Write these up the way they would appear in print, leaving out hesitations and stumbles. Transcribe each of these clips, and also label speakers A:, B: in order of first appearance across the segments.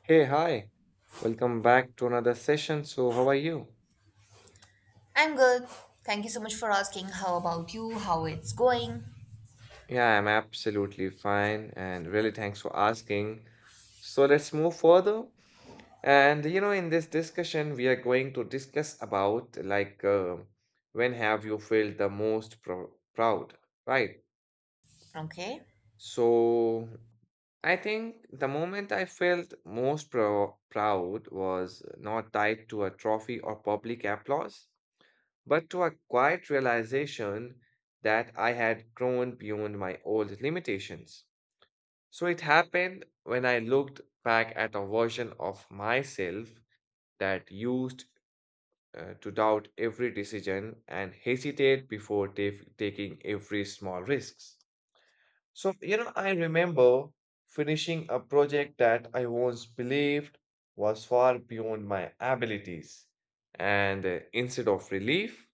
A: Hey, hi. Welcome back to another session. So, how are you?
B: I'm good. Thank you so much for asking. How about you? How it's going?
A: Yeah, I'm absolutely fine and really thanks for asking. So, let's move further. And you know, in this discussion, we are going to discuss about when have you felt the most proud, right?
B: Okay.
A: So, I think the moment I felt most proud was not tied to a trophy or public applause, but to a quiet realization that I had grown beyond my old limitations. So it happened when I looked back at a version of myself that used to doubt every decision and hesitate before taking every small risks. So, you know, I remember finishing a project that I once believed was far beyond my abilities. And instead of relief,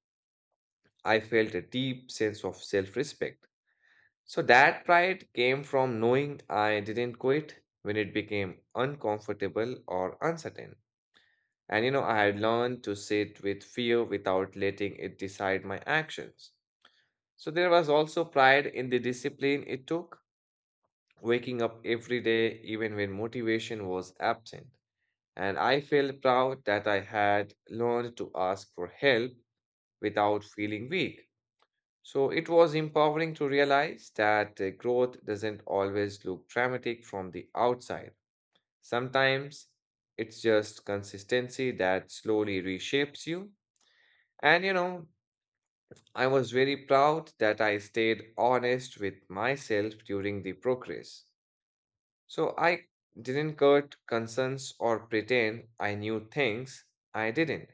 A: I felt a deep sense of self respect. So that pride came from knowing I didn't quit when it became uncomfortable or uncertain. And you know, I had learned to sit with fear without letting it decide my actions. So there was also pride in the discipline it took, waking up every day even when motivation was absent. And I felt proud that I had learned to ask for help without feeling weak. So it was empowering to realize that growth doesn't always look dramatic from the outside. Sometimes it's just consistency that slowly reshapes you. And you know, I was very proud that I stayed honest with myself during the progress. So I didn't cut concerns or pretend I knew things I didn't.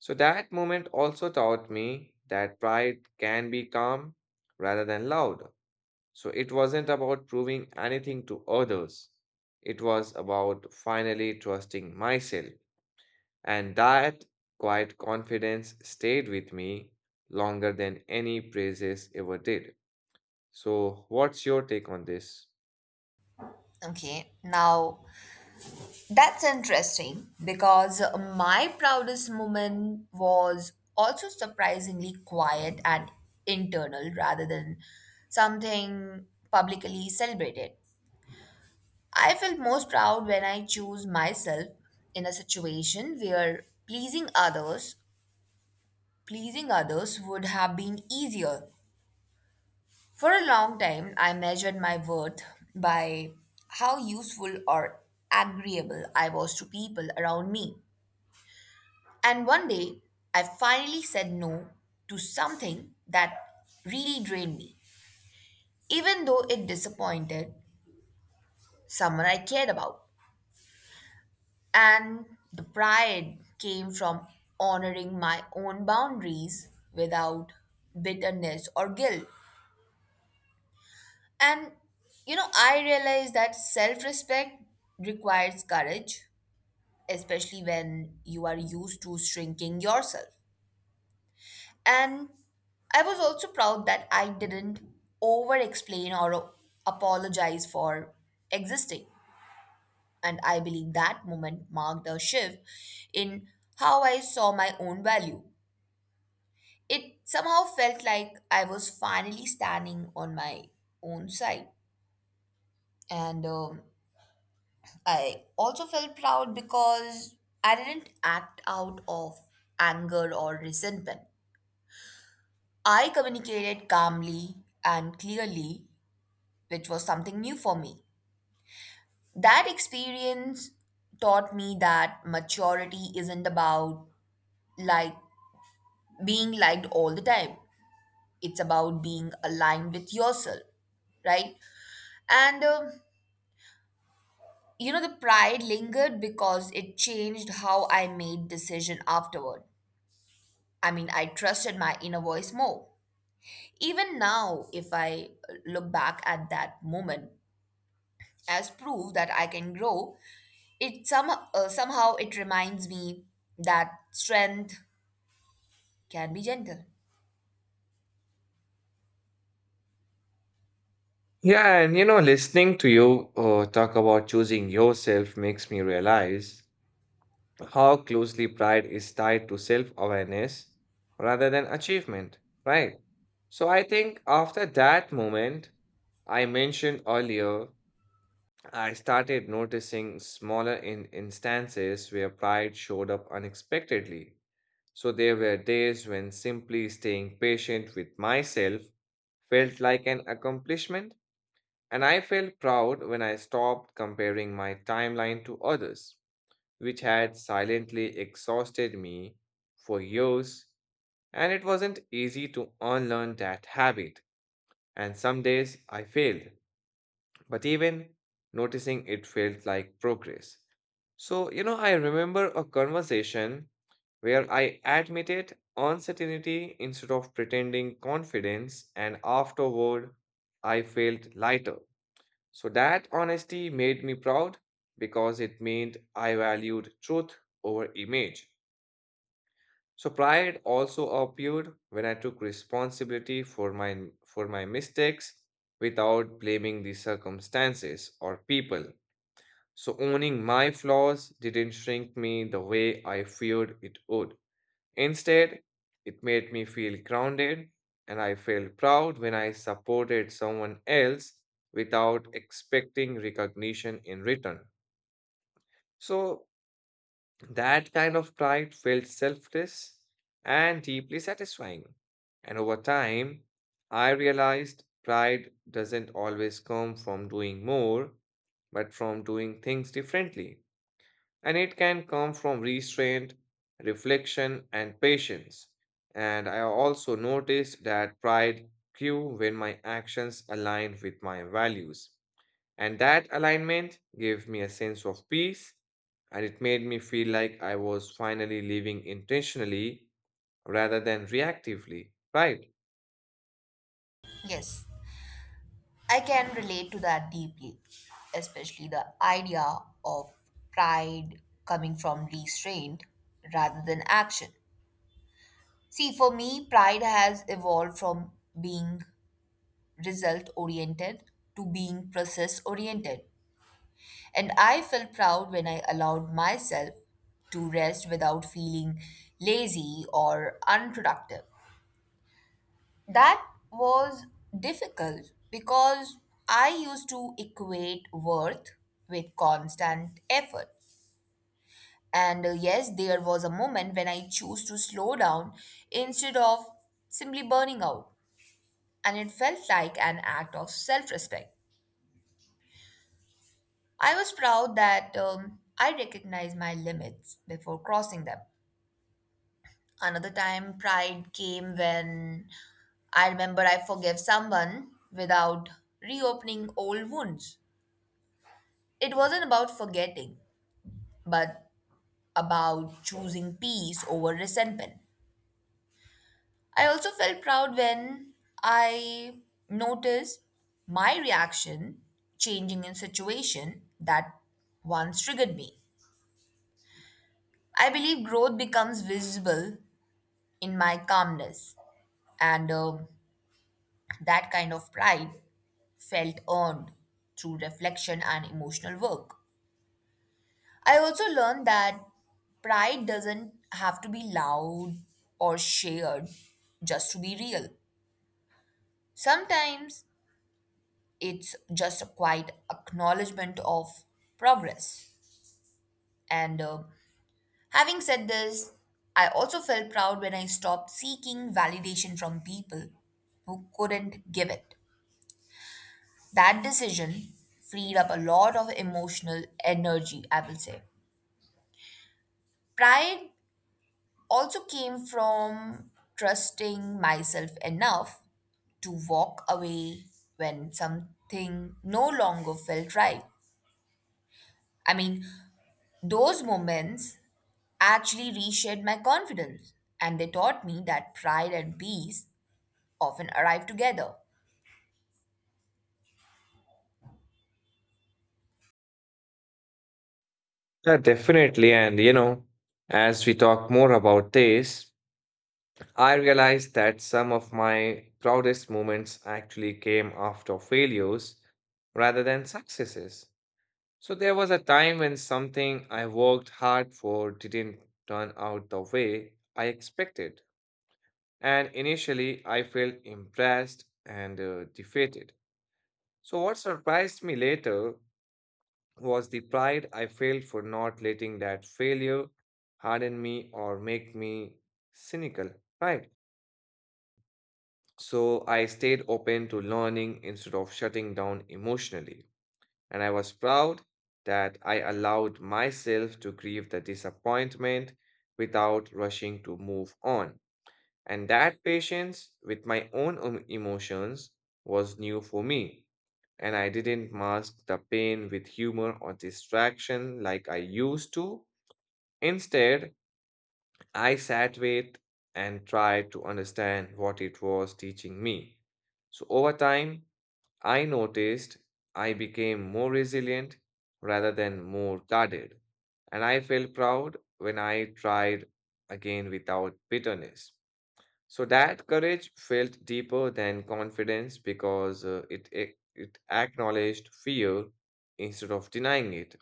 A: So that moment also taught me that pride can be calm rather than loud. So it wasn't about proving anything to others. It was about finally trusting myself. And that quiet confidence stayed with me longer than any praises ever did. So, what's your take on this?
B: Okay. Now, that's interesting because my proudest moment was also surprisingly quiet and internal rather than something publicly celebrated. I felt most proud when I choose myself in a situation where pleasing others would have been easier. For a long time, I measured my worth by how useful or agreeable I was to people around me. And one day, I finally said no to something that really drained me, even though it disappointed someone I cared about. And the pride came from honoring my own boundaries without bitterness or guilt. And you know, I realize that self respect requires courage, especially when you are used to shrinking yourself. And I was also proud that I didn't over explain or apologize for existing. And I believe that moment marked a shift in how I saw my own value. It somehow felt like I was finally standing on my own side. And I also felt proud because I didn't act out of anger or resentment. I communicated calmly and clearly, which was something new for me. That experience taught me that maturity isn't about like being liked all the time. It's about being aligned with yourself, right? And you know the pride lingered because it changed how I made decision afterward. I mean, I trusted my inner voice more. Even now, if I look back at that moment as proof that I can grow, somehow it reminds me that strength can be gentle.
A: Yeah, and you know, listening to you talk about choosing yourself makes me realize how closely pride is tied to self awareness rather than achievement, right? So I think after that moment I mentioned earlier, I started noticing smaller in instances where pride showed up unexpectedly. So there were days when simply staying patient with myself felt like an accomplishment, and I felt proud when I stopped comparing my timeline to others which had silently exhausted me for years, and it wasn't easy to unlearn that habit. And some days I failed, but even noticing it felt like progress. So, you know, I remember a conversation where I admitted uncertainty instead of pretending confidence, and afterward I felt lighter. So that honesty made me proud because it meant I valued truth over image. So pride also appeared when I took responsibility for my mistakes without blaming the circumstances or people. So owning my flaws didn't shrink me the way I feared it would. Instead, it made me feel grounded and I felt proud when I supported someone else without expecting recognition in return. So that kind of pride felt selfless and deeply satisfying. And over time, I realized pride doesn't always come from doing more, but from doing things differently. And it can come from restraint, reflection, and patience. And I also noticed that pride grew when my actions aligned with my values. And that alignment gave me a sense of peace, and it made me feel like I was finally living intentionally rather than reactively, right?
B: Yes, I can relate to that deeply, especially the idea of pride coming from restraint rather than action. See, for me, pride has evolved from being result oriented to being process oriented. And I felt proud when I allowed myself to rest without feeling lazy or unproductive. That was difficult because I used to equate worth with constant effort. And yes, there was a moment when I chose to slow down instead of simply burning out. And it felt like an act of self respect. I was proud that I recognized my limits before crossing them. Another time, pride came when I remember I forgave someone without reopening old wounds. It wasn't about forgetting, but about choosing peace over resentment. I also felt proud when I noticed my reaction changing in situation that once triggered me. I believe growth becomes visible in my calmness, and that kind of pride felt earned through reflection and emotional work. I also learned that pride doesn't have to be loud or shared just to be real. Sometimes it's just a quiet acknowledgement of progress. And having said this, I also felt proud when I stopped seeking validation from people who couldn't give it. That decision freed up a lot of emotional energy, I will say. Pride also came from trusting myself enough to walk away when something no longer felt right. I mean, those moments actually reshaped my confidence and they taught me that pride and peace often arrive together.
A: Yeah, definitely. And, you know, as we talk more about this, I realized that some of my proudest moments actually came after failures rather than successes. So there was a time when something I worked hard for didn't turn out the way I expected. And initially, I felt impressed and defeated. So, what surprised me later was the pride I felt for not letting that failure harden me or make me cynical, right? So, I stayed open to learning instead of shutting down emotionally. And I was proud that I allowed myself to grieve the disappointment without rushing to move on. And that patience with my own emotions was new for me. And I didn't mask the pain with humor or distraction like I used to. Instead, I sat with and tried to understand what it was teaching me. So over time, I noticed I became more resilient rather than more guarded. And I felt proud when I tried again without bitterness. So that courage felt deeper than confidence because it acknowledged fear instead of denying it.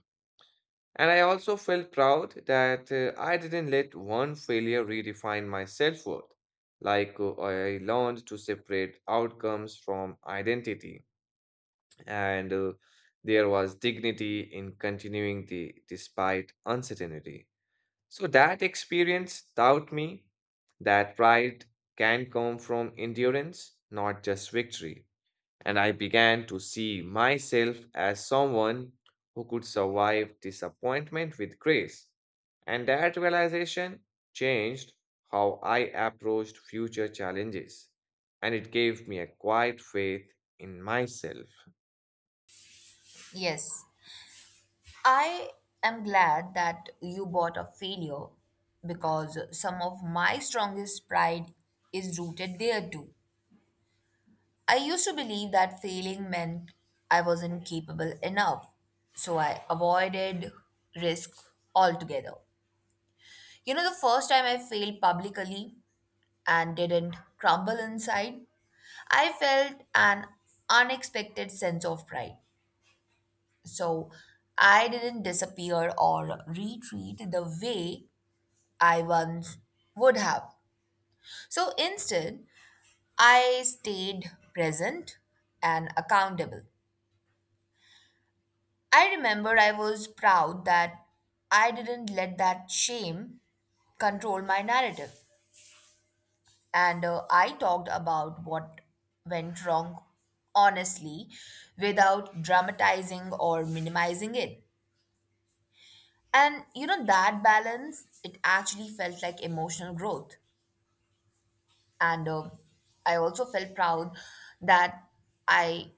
A: And I also felt proud that I didn't let one failure redefine my self worth. I learned to separate outcomes from identity, and there was dignity in continuing the despite uncertainty. So that experience taught me that pride can come from endurance, not just victory. And I began to see myself as someone who could survive disappointment with grace. And that realization changed how I approached future challenges. And it gave me a quiet faith in myself.
B: Yes, I am glad that you bought a failure because some of my strongest pride is rooted there too. I used to believe that failing meant I wasn't capable enough, so I avoided risk altogether. You know, the first time I failed publicly and didn't crumble inside, I felt an unexpected sense of pride. So I didn't disappear or retreat the way I once would have. So instead, I stayed present and accountable. I remember I was proud that I didn't let that shame control my narrative. And I talked about what went wrong honestly without dramatizing or minimizing it. And you know, that balance, it actually felt like emotional growth. And I also felt proud that I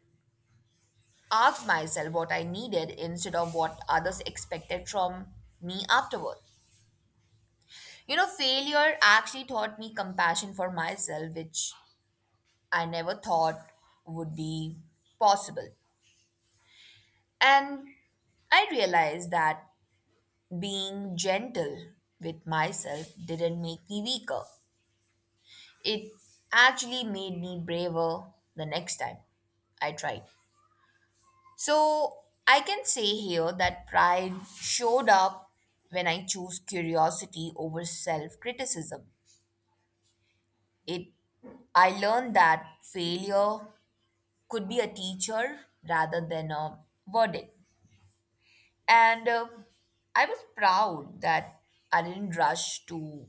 B: asked myself what I needed instead of what others expected from me afterward. You know, failure actually taught me compassion for myself, which I never thought would be possible. And I realized that being gentle with myself didn't make me weaker. It actually made me braver the next time I tried. So I can say here that pride showed up when I chose curiosity over self criticism. It I learned that failure could be a teacher rather than a verdict. And I was proud that I didn't rush to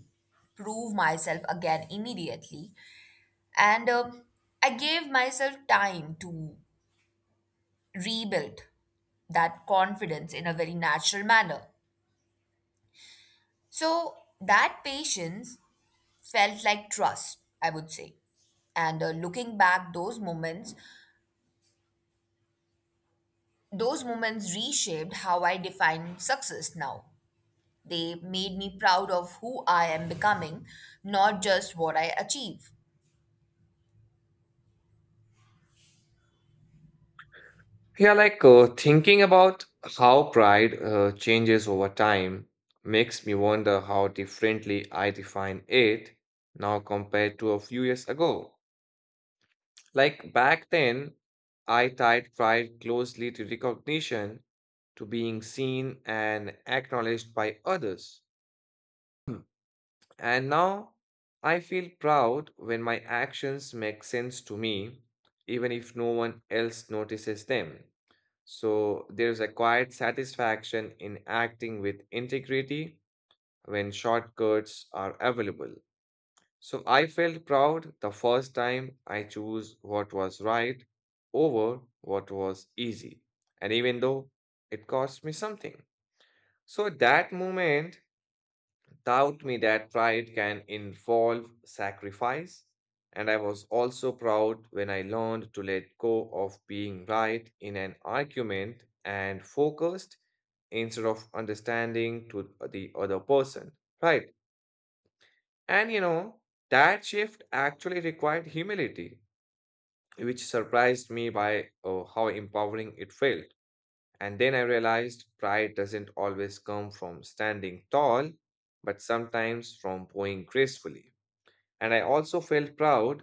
B: prove myself again immediately. And I gave myself time to rebuild that confidence in a very natural manner. So that patience felt like trust, I would say. And looking back, those moments reshaped how I define success now. They made me proud of who I am becoming, not just what I achieve.
A: Thinking about how pride changes over time makes me wonder how differently I define it now compared to a few years ago. Like back then, I tied pride closely to recognition, to being seen and acknowledged by others. And now I feel proud when my actions make sense to me, even if no one else notices them. So there's a quiet satisfaction in acting with integrity when shortcuts are available. So I felt proud the first time I chose what was right over what was easy. And even though it cost me something. So that moment taught me that pride can involve sacrifice. And I was also proud when I learned to let go of being right in an argument and focused instead of understanding to the other person, right? And you know, that shift actually required humility, which surprised me by how empowering it felt. And then I realized pride doesn't always come from standing tall, but sometimes from bowing gracefully. And I also felt proud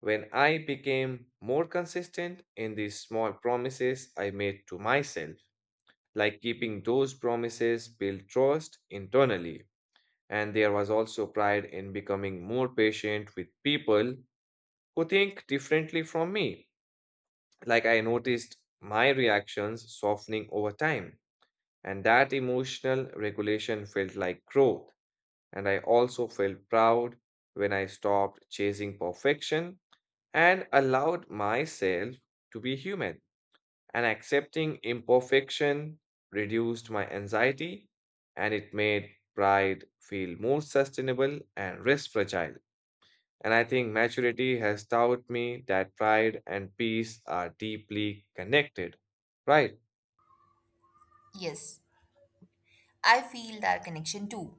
A: when I became more consistent in these small promises I made to myself, like keeping those promises build trust internally. And there was also pride in becoming more patient with people who think differently from me. Like I noticed my reactions softening over time, and that emotional regulation felt like growth. And I also felt proud when I stopped chasing perfection and allowed myself to be human. And accepting imperfection reduced my anxiety and it made pride feel more sustainable and less fragile. And I think maturity has taught me that pride and peace are deeply connected, right?
B: Yes, I feel that connection too,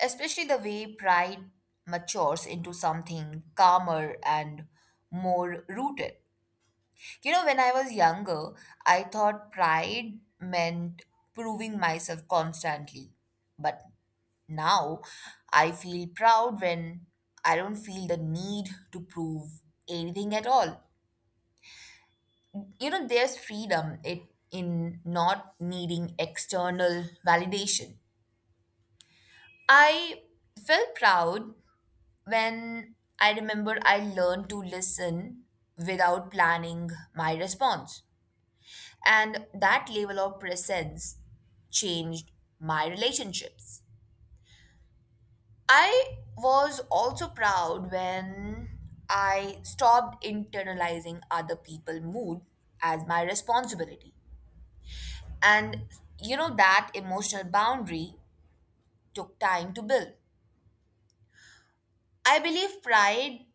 B: especially the way pride matures into something calmer and more rooted. You know, when I was younger, I thought pride meant proving myself constantly. But now I feel proud when I don't feel the need to prove anything at all. You know, there's freedom it, in not needing external validation. I felt proud when I remember I learned to listen without planning my response. And that level of presence changed my relationships. I was also proud when I stopped internalizing other people's mood as my responsibility. And you know, that emotional boundary took time to build. I believe pride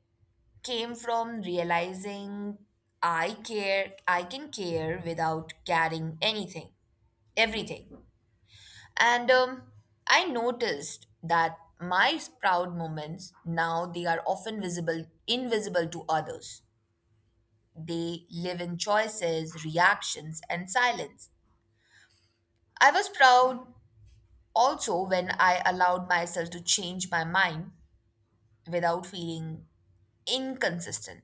B: came from realizing I can care without carrying anything, everything. And I noticed that my proud moments now they are often visible, invisible to others. They live in choices, reactions, and silence. I was proud also when I allowed myself to change my mind without feeling inconsistent.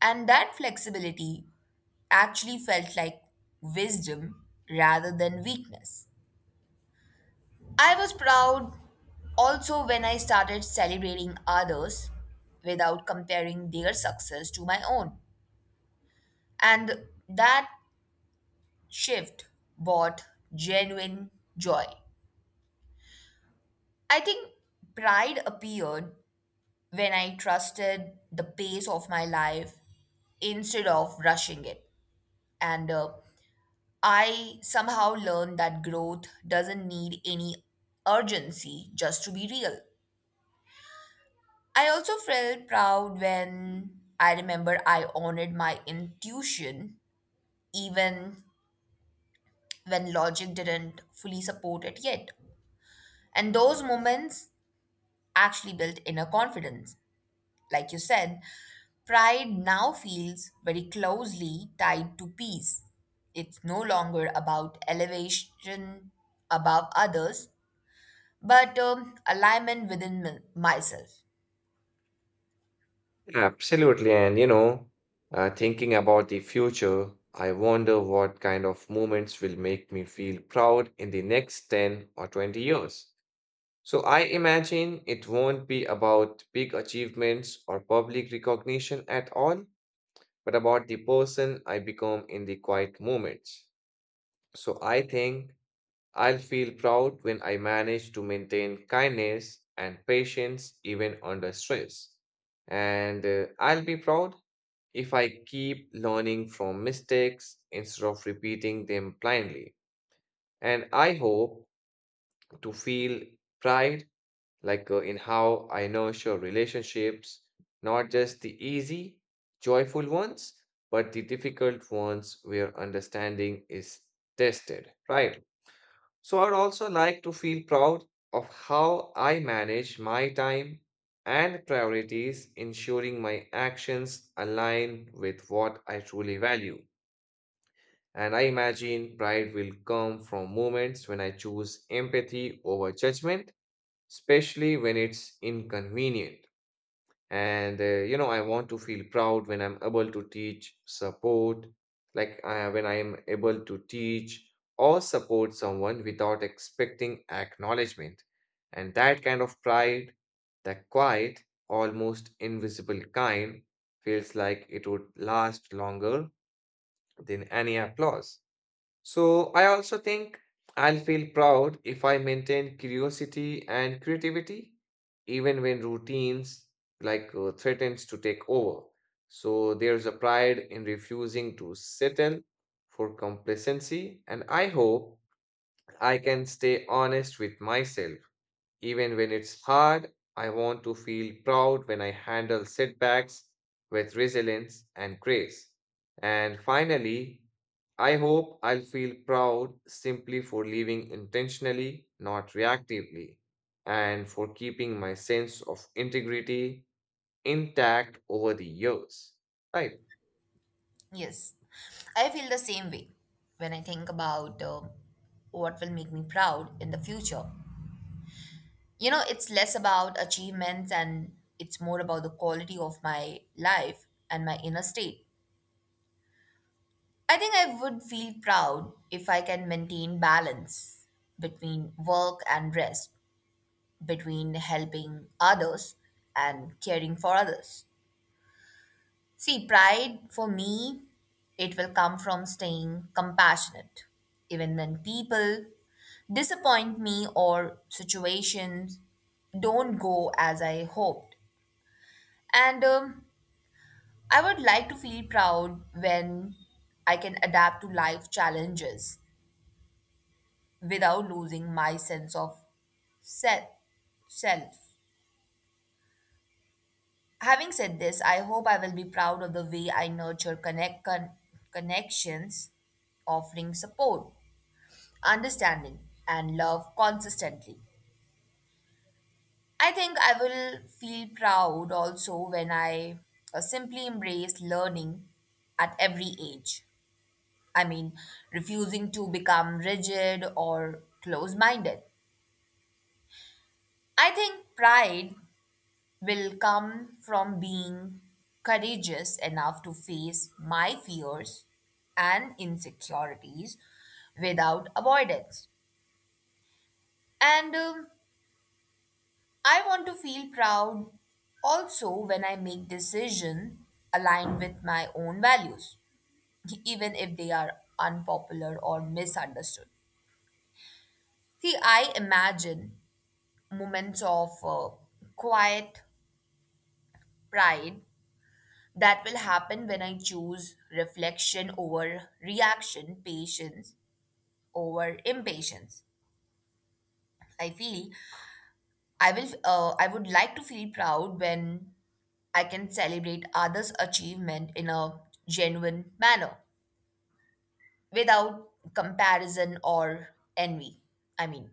B: And that flexibility actually felt like wisdom rather than weakness. I was proud also when I started celebrating others without comparing their success to my own. And that shift brought genuine joy. I think pride appeared when I trusted the pace of my life instead of rushing it. And I somehow learned that growth doesn't need any urgency just to be real. I also felt proud when I remember I honored my intuition even when logic didn't fully support it yet. And those moments actually built inner confidence. Like you said, pride now feels very closely tied to peace. It's no longer about elevation above others, but alignment within myself.
A: Absolutely. And you know, thinking about the future, I wonder what kind of moments will make me feel proud in the next 10 or 20 years. So I imagine it won't be about big achievements or public recognition at all, but about the person I become in the quiet moments. So I think I'll feel proud when I manage to maintain kindness and patience even under stress. And I'll be proud if I keep learning from mistakes instead of repeating them blindly. And I hope to feel pride in how I nurture relationships, not just the easy, joyful ones, but the difficult ones where understanding is tested, right? So I'd also like to feel proud of how I manage my time and priorities, ensuring my actions align with what I truly value. And I imagine pride will come from moments when I choose empathy over judgment, especially when it's inconvenient. And you know, I want to feel proud when I'm able to teach support like when I am able to teach or support someone without expecting acknowledgement. And that kind of pride, that quiet, almost invisible kind, feels like it would last longer than any applause. So I also think I'll feel proud if I maintain curiosity and creativity, even when routines threatens to take over. So there's a pride in refusing to settle for complacency, and I hope I can stay honest with myself even when it's hard. I want to feel proud when I handle setbacks with resilience and grace. And finally, I hope I'll feel proud simply for living intentionally, not reactively, and for keeping my sense of integrity intact over the years. Right.
B: Yes, I feel the same way when I think about what will make me proud in the future. You know, it's less about achievements and it's more about the quality of my life and my inner state. I think I would feel proud if I can maintain balance between work and rest, between helping others and caring for others. See, pride for me, it will come from staying compassionate, even when people disappoint me or situations don't go as I hoped. And I would like to feel proud when I can adapt to life challenges without losing my sense of self. self. Having said this, I hope I will be proud of the way I nurture connections, offering support understanding and love consistently. I think I will feel proud also when I simply embrace learning at every age. I mean, refusing to become rigid or close minded. I think pride will come from being courageous enough to face my fears and insecurities without avoidance. And I want to feel proud also when I make decisions aligned with my own values, even if they are unpopular or misunderstood. See, I imagine moments of quiet pride that will happen when I choose reflection over reaction, patience over impatience. I feel I will. I would like to feel proud when I can celebrate others' achievement in a genuine manner without comparison or envy. I mean,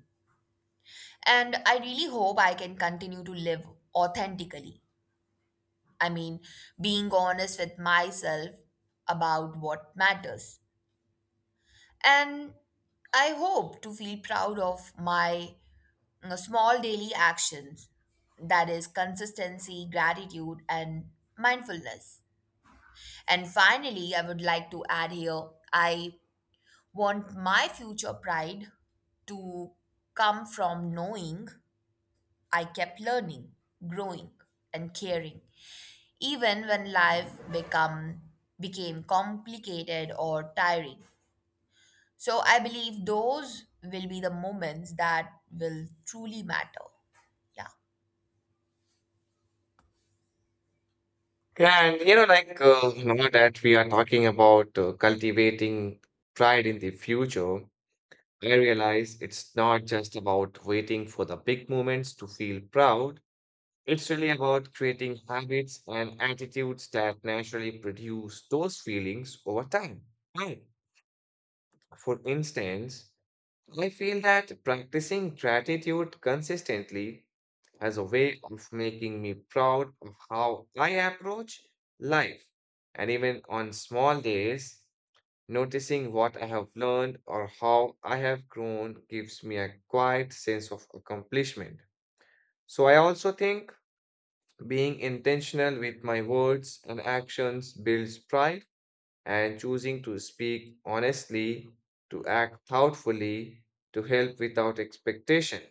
B: and I really hope I can continue to live authentically. I mean, being honest with myself about what matters. And I hope to feel proud of my you know, small daily actions that is, consistency, gratitude, and mindfulness. And finally, I would like to add here I want my future pride to come from knowing I kept learning, growing, and caring, even when life become became complicated or tiring. So I believe those will be the moments that will truly matter. Yeah,
A: Yeah, and you know, now that we are talking about cultivating pride in the future, I realize it's not just about waiting for the big moments to feel proud. It's really about creating habits and attitudes that naturally produce those feelings over time. Right. For instance, I feel that practicing gratitude consistently as a way of making me proud of how I approach life. And even on small days, noticing what I have learned or how I have grown gives me a quiet sense of accomplishment. So I also think being intentional with my words and actions builds pride, and choosing to speak honestly, to act thoughtfully, to help without expectation.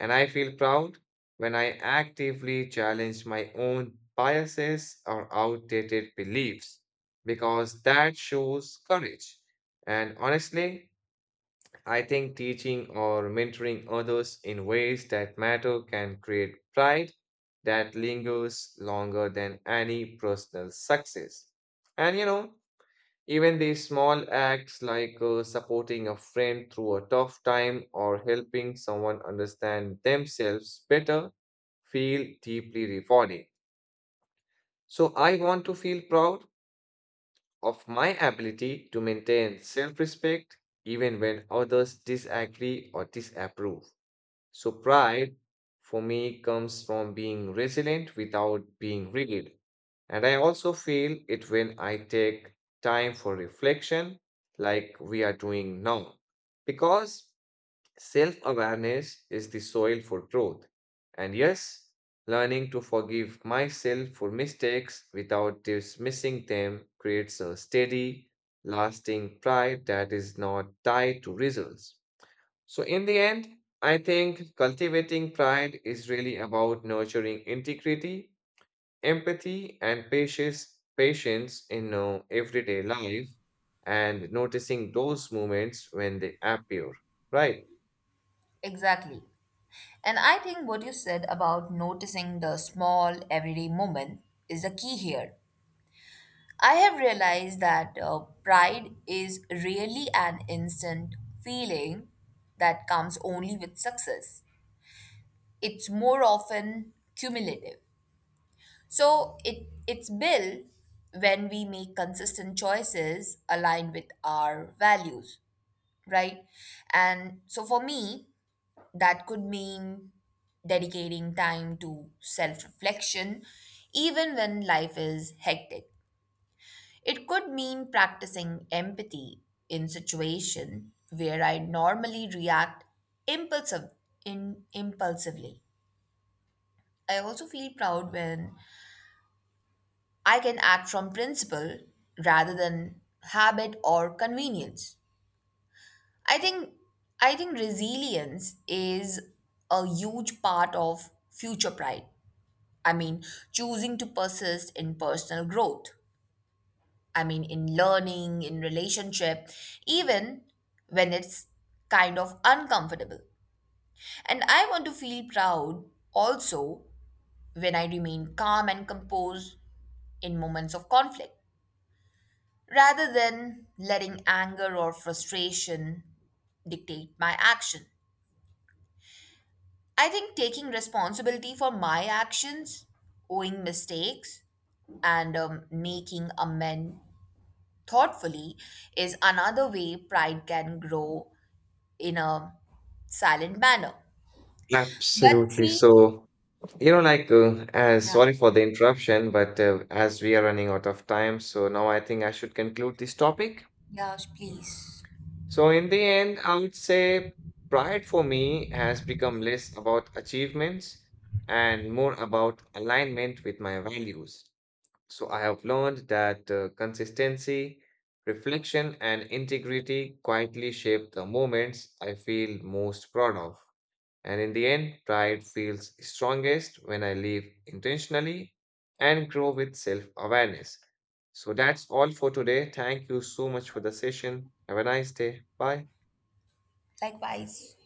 A: And I feel proud when I actively challenge my own biases or outdated beliefs because that shows courage. And honestly, I think teaching or mentoring others in ways that matter can create pride that lingers longer than any personal success. And you know, even these small acts supporting a friend through a tough time or helping someone understand themselves better feel deeply rewarding. So I want to feel proud of my ability to maintain self respect even when others disagree or disapprove. So, pride for me comes from being resilient without being rigid. And I also feel it when I take time for reflection, like we are doing now, because self awareness is the soil for growth. And yes, learning to forgive myself for mistakes without dismissing them creates a steady, lasting pride that is not tied to results. So, in the end, I think cultivating pride is really about nurturing integrity, empathy, and patience, patience in everyday life and noticing those moments when they appear. Right.
B: exactly. And I think what you said about noticing the small everyday moment is the key here. I have realized that pride is really an instant feeling that comes only with success. It's more often cumulative. So it's built when we make consistent choices aligned with our values, right? And so for me, that could mean dedicating time to self-reflection even when life is hectic. It could mean practicing empathy in situation where I normally react impulsive impulsively. I also feel proud when I can act from principle rather than habit or convenience. I think I think resilience is a huge part of future pride. I mean, choosing to persist in personal growth. I mean, in learning, in relationship, even when it's kind of uncomfortable. And I want to feel proud also when I remain calm and composed in moments of conflict, rather than letting anger or frustration dictate my action. I think taking responsibility for my actions, owing mistakes, and making amends thoughtfully is another way pride can grow in a silent manner. But
A: Absolutely.
B: see,
A: So, you know, as
B: yeah,
A: sorry for the interruption, but as we are running out of time, so now I think I should conclude this topic.
B: yeah, please.
A: So, in the end, I would say pride for me has become less about achievements and more about alignment with my values. So, I have learned that consistency, reflection, and integrity quietly shape the moments I feel most proud of. And in the end, pride feels strongest when I live intentionally and grow with self awareness. So, that's all for today. Thank you so much for the session. Have a nice day. Bye.
B: Likewise.